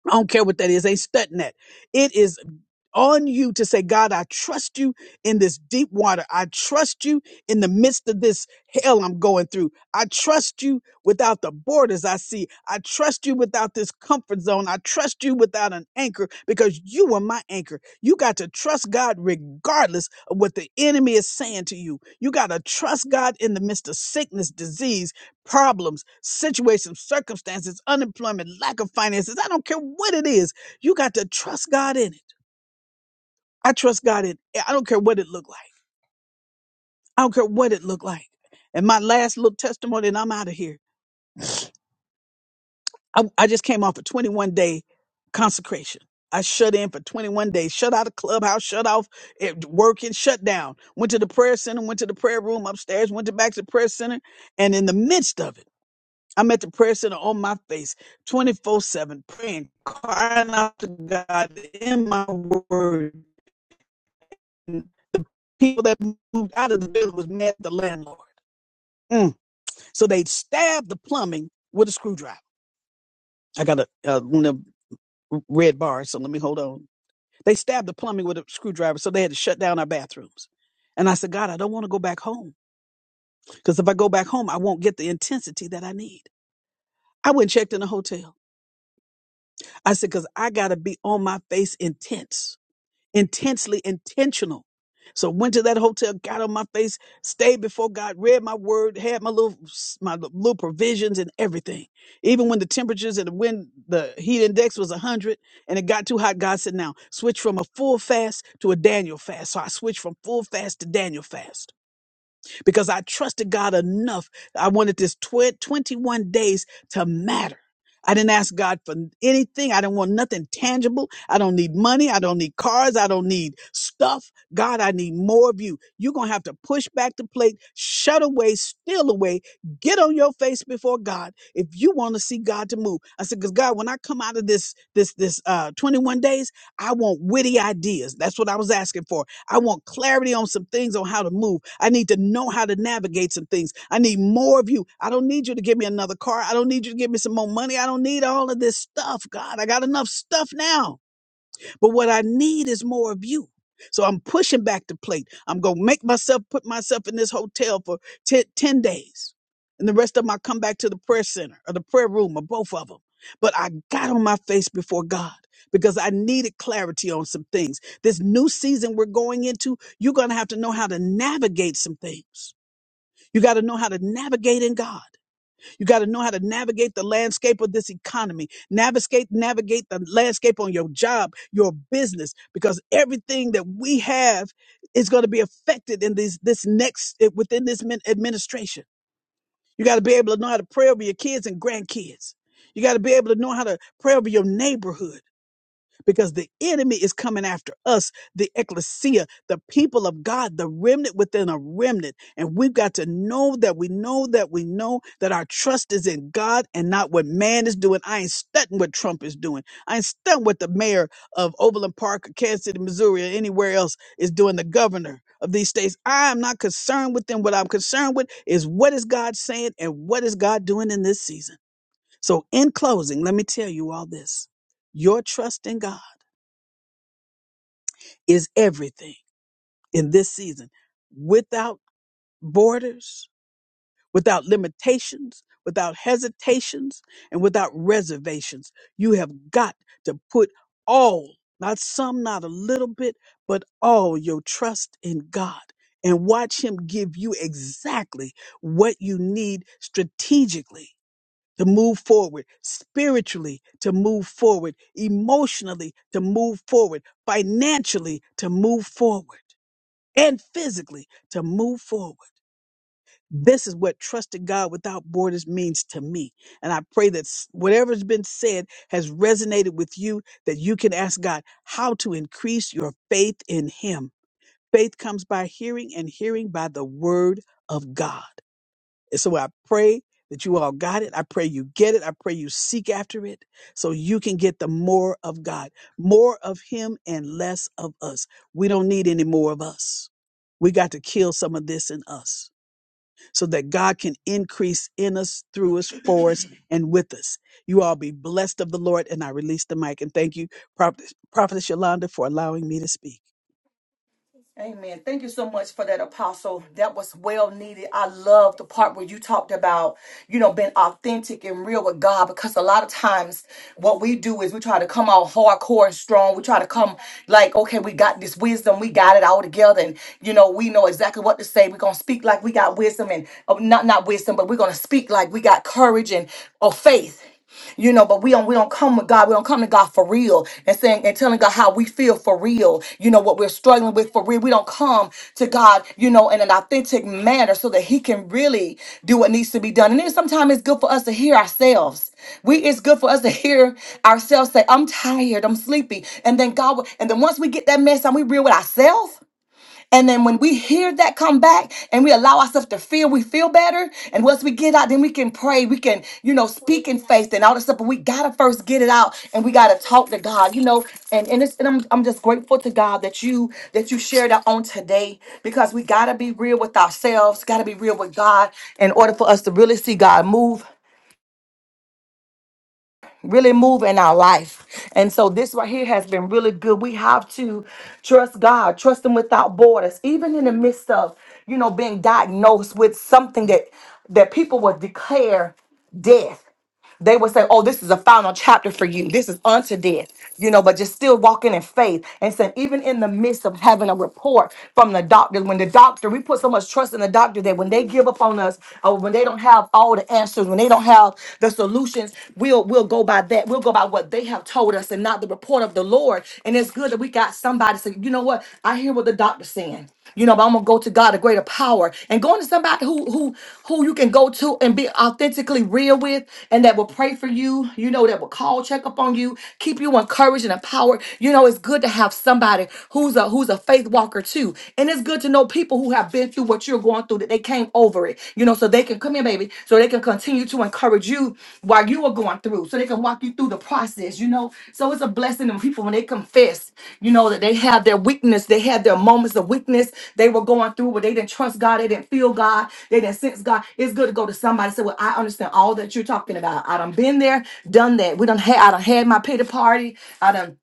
I don't care what that is. Ain't studying that. It is on you to say, God, I trust you in this deep water. I trust you in the midst of this hell I'm going through. I trust you without the borders I see. I trust you without this comfort zone. I trust you without an anchor because you are my anchor. You got to trust God regardless of what the enemy is saying to you. You got to trust God in the midst of sickness, disease, problems, situations, circumstances, unemployment, lack of finances. I don't care what it is. You got to trust God in it. I trust God in eh, I don't care what it looked like. I don't care what it looked like. And my last little testimony, and I'm out of here. I, I just came off a 21 day consecration. I shut in for 21 days, shut out of clubhouse, shut off it, working, shut down. Went to the prayer center, went to the prayer room upstairs, went to back to the prayer center. And in the midst of it, I'm at the prayer center on my face, 24 7, praying, crying out to God in my word. People that moved out of the building was mad at the landlord. Mm. So they stabbed the plumbing with a screwdriver. I got a, uh one of the red bars, so let me hold on. They stabbed the plumbing with a screwdriver, so they had to shut down our bathrooms. And I said, God, I don't want to go back home because if I go back home, I won't get the intensity that I need. I went and checked in a hotel. I said, because I got to be on my face intense intensely intentional. So went to that hotel, got on my face, stayed before God, read my word, had my little my little provisions and everything. Even when the temperatures and when the heat index was 100 and it got too hot, God said, "Now switch from a full fast to a Daniel fast." So I switched from full fast to Daniel fast because I trusted God enough. I wanted this tw- 21 days to matter. I didn't ask God for anything. I didn't want nothing tangible. I don't need money. I don't need cars. I don't need stuff. God, I need more of you. You're going to have to push back the plate, shut away, steal away, get on your face before God if you want to see God to move. I said, because God, when I come out of this, this, this uh, 21 days, I want witty ideas. That's what I was asking for. I want clarity on some things on how to move. I need to know how to navigate some things. I need more of you. I don't need you to give me another car. I don't need you to give me some more money. I don't need all of this stuff, God. I got enough stuff now. But what I need is more of you. So I'm pushing back the plate. I'm going to make myself put myself in this hotel for 10, ten days. And the rest of them, I come back to the prayer center or the prayer room or both of them. But I got on my face before God because I needed clarity on some things. This new season we're going into, you're going to have to know how to navigate some things. You got to know how to navigate in God. You got to know how to navigate the landscape of this economy. Navigate, navigate the landscape on your job, your business, because everything that we have is going to be affected in these this next eh, within this min- administration. You got to be able to know how to pray over your kids and grandkids. You got to be able to know how to pray over your neighborhood because the enemy is coming after us, the ecclesia, the people of God, the remnant within a remnant. And we've got to know that we know that we know that our trust is in God and not what man is doing. I ain't studying what Trump is doing. I ain't studying what the mayor of Overland Park or Kansas City, Missouri, or anywhere else is doing, the governor of these states. I am not concerned with them. What I'm concerned with is what is God saying and what is God doing in this season. So, in closing, let me tell you all this your trust in God is everything in this season. Without borders, without limitations, without hesitations, and without reservations, you have got to put all, not some, not a little bit, but all your trust in God and watch Him give you exactly what you need strategically. To move forward spiritually, to move forward emotionally, to move forward financially, to move forward and physically to move forward. This is what trusting God without borders means to me. And I pray that s- whatever's been said has resonated with you, that you can ask God how to increase your faith in Him. Faith comes by hearing, and hearing by the Word of God. And so I pray that you all got it. I pray you get it. I pray you seek after it so you can get the more of God, more of Him and less of us. We don't need any more of us. We got to kill some of this in us so that God can increase in us, through us, for us, and with us. You all be blessed of the Lord. And I release the mic. And thank you, Prophet Prophetess Yolanda, for allowing me to speak.
Amen. Thank you so much for that, Apostle. That was well needed. I love the part where you talked about, you know, being authentic and real with God because a lot of times what we do is we try to come out hardcore and strong. We try to come like, okay, we got this wisdom. We got it all together. And, you know, we know exactly what to say. We're going to speak like we got wisdom and uh, not, not wisdom, but we're going to speak like we got courage and or faith you know but we don't we don't come with god we don't come to god for real and saying and telling god how we feel for real you know what we're struggling with for real we don't come to god you know in an authentic manner so that he can really do what needs to be done and then sometimes it's good for us to hear ourselves we it's good for us to hear ourselves say i'm tired i'm sleepy and then god will- and then once we get that mess and we real with ourselves and then when we hear that come back and we allow ourselves to feel, we feel better. And once we get out, then we can pray. We can, you know, speak in faith and all this stuff. But we gotta first get it out and we gotta talk to God, you know. And and, it's, and I'm I'm just grateful to God that you that you shared that on today because we gotta be real with ourselves, gotta be real with God in order for us to really see God move really move in our life. And so this right here has been really good. We have to trust God, trust Him without borders, even in the midst of you know being diagnosed with something that that people would declare death they would say, Oh, this is a final chapter for you. This is unto death, you know, but just still walking in faith. And saying, even in the midst of having a report from the doctor, when the doctor, we put so much trust in the doctor that when they give up on us, or when they don't have all the answers, when they don't have the solutions, we'll we'll go by that. We'll go by what they have told us and not the report of the Lord. And it's good that we got somebody say, you know what? know what? I hear what the doctor's saying. You know, but I'm gonna go to God, a greater power, and going to somebody who who who you can go to and be authentically real with, and that will pray for you. You know, that will call, check up on you, keep you encouraged and empowered. You know, it's good to have somebody who's a who's a faith walker too, and it's good to know people who have been through what you're going through that they came over it. You know, so they can come here, baby baby, so they can continue to encourage you while you are going through, so they can walk you through the process, you know. So it's a blessing when people when they confess, you know, that they have their weakness, they had their moments of weakness, they were going through where they didn't trust God, they didn't feel God, they didn't sense God. It's good to go to somebody and say, Well, I understand all that you're talking about. I done been there, done that. We done had I done had my pity party, I done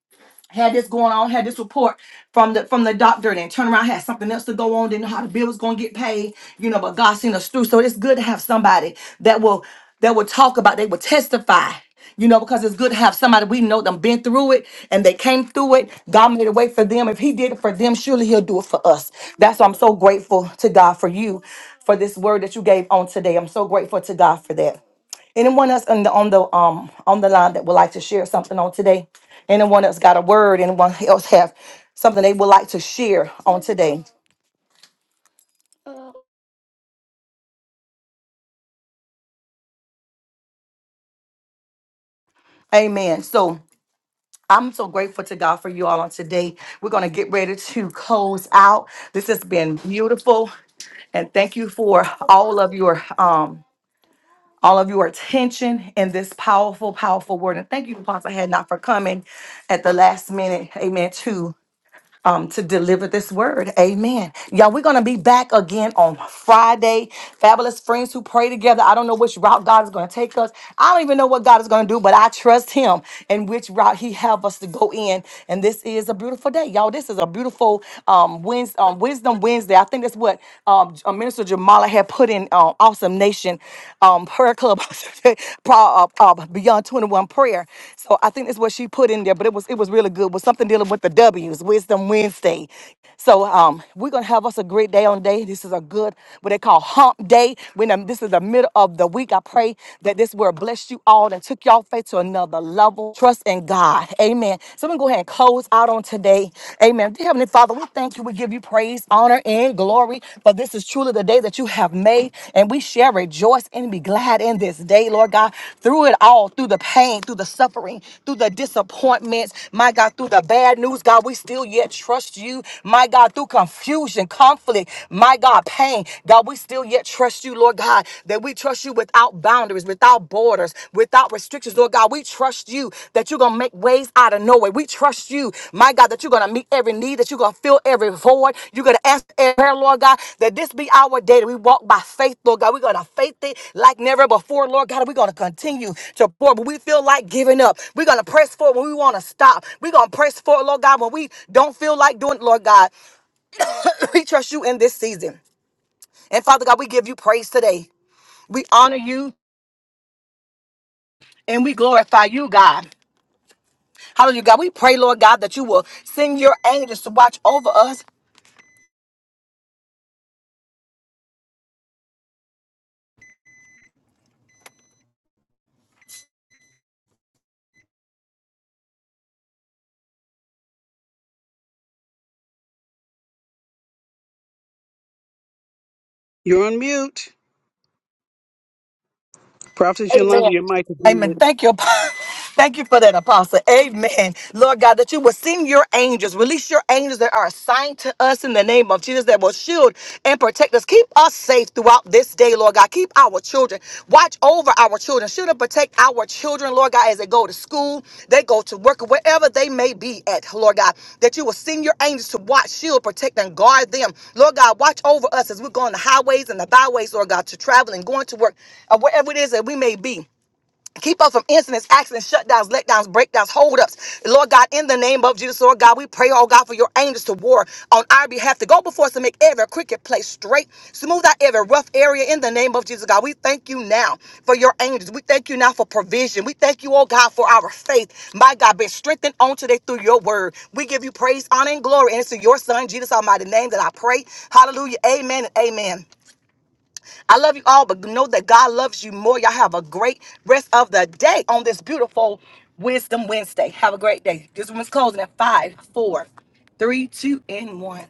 had this going on, had this report from the from the doctor, and then turn around, had something else to go on, didn't know how the bill was gonna get paid, you know, but God seen us through. So it's good to have somebody that will that will talk about, they will testify. You know, because it's good to have somebody we know them been through it and they came through it. God made a way for them. If He did it for them, surely He'll do it for us. That's why I'm so grateful to God for you, for this word that you gave on today. I'm so grateful to God for that. Anyone else on the on the um on the line that would like to share something on today? Anyone else got a word? Anyone else have something they would like to share on today? Amen. So I'm so grateful to God for you all on today. We're going to get ready to close out. This has been beautiful. And thank you for all of your um all of your attention and this powerful, powerful word. And thank you, Apostle Hadnot, for coming at the last minute. Amen. Too. um, to deliver this word. Amen. Y'all, we're going to be back again on Friday. Fabulous friends who pray together. I don't know which route God is going to take us. I don't even know what God is going to do, but I trust him and which route he have us to go in. And this is a beautiful day. Y'all, this is a beautiful um, Wednesday, um, Wisdom Wednesday. I think that's what um, uh, Minister Jamala had put in uh, Awesome Nation um, Prayer Club Paul, uh, uh, Beyond 21 prayer. So I think that's what she put in there, but it was it was really good. It was something dealing with the W's, Wisdom Wednesday. So um, we're gonna have us a great day on day. This is a good what they call hump day. When um, this is the middle of the week, I pray that this word blessed you all and took y'all faith to another level. Trust in God. Amen. So we're gonna go ahead and close out on today. Amen. Dear Heavenly Father. Father, we thank you. We give you praise, honor, and glory. For this is truly the day that you have made, and we shall rejoice and be glad in this day, Lord God. Through it all, through the pain, through the suffering, through the disappointments, my God, through the bad news, God, we still yet trust you, my God, through confusion, conflict, my God, pain, God, we still yet trust you, Lord God, that we trust you without boundaries, without borders, without restrictions, Lord God. We trust you that you're going to make ways out of nowhere. We trust you, my God, that you're going to meet every need, that you're going to fill every void. You're going to ask every prayer, Lord God, that this be our day that we walk by faith, Lord God. We're going to faith it like never before, Lord God. We're going to continue to pour when we feel like giving up. We're going to press forward when we want to stop. We're going to press forward, Lord God, when we don't feel like doing it, Lord God. we trust you in this season. And Father God, we give you praise today. We honor you and we glorify you, God. Hallelujah, God. We pray, Lord God, that you will send your angels to watch over us.
You're on mute. Prophetess
Amen.
Yolanda, your mic is muted.
Amen. Thank you. Thank you for that, Apostle. Amen. Lord God, that you will send your angels, release your angels that are assigned to us in the name of Jesus that will shield and protect us. Keep us safe throughout this day, Lord God. Keep our children. Watch over our children. Shield and protect our children, Lord God, as they go to school, they go to work, wherever they may be at, Lord God. That you will send your angels to watch, shield, protect, and guard them. Lord God, watch over us as we're going the highways and the byways, Lord God, to travel and going to work, or wherever it is that we may be. Keep us from incidents, accidents, shutdowns, letdowns, breakdowns, holdups. Lord God, in the name of Jesus, Lord God, we pray, oh God, for your angels to war on our behalf, to go before us to make every cricket place straight, smooth out every rough area in the name of Jesus, God. We thank you now for your angels. We thank you now for provision. We thank you, oh God, for our faith. My God, be strengthened on today through your word. We give you praise, honor, and glory. And it's in your son, Jesus Almighty name that I pray. Hallelujah. Amen and amen. I love you all, but know that God loves you more. Y'all have a great rest of the day on this beautiful Wisdom Wednesday. Have a great day. This room is closing at five, four, three, two, and one.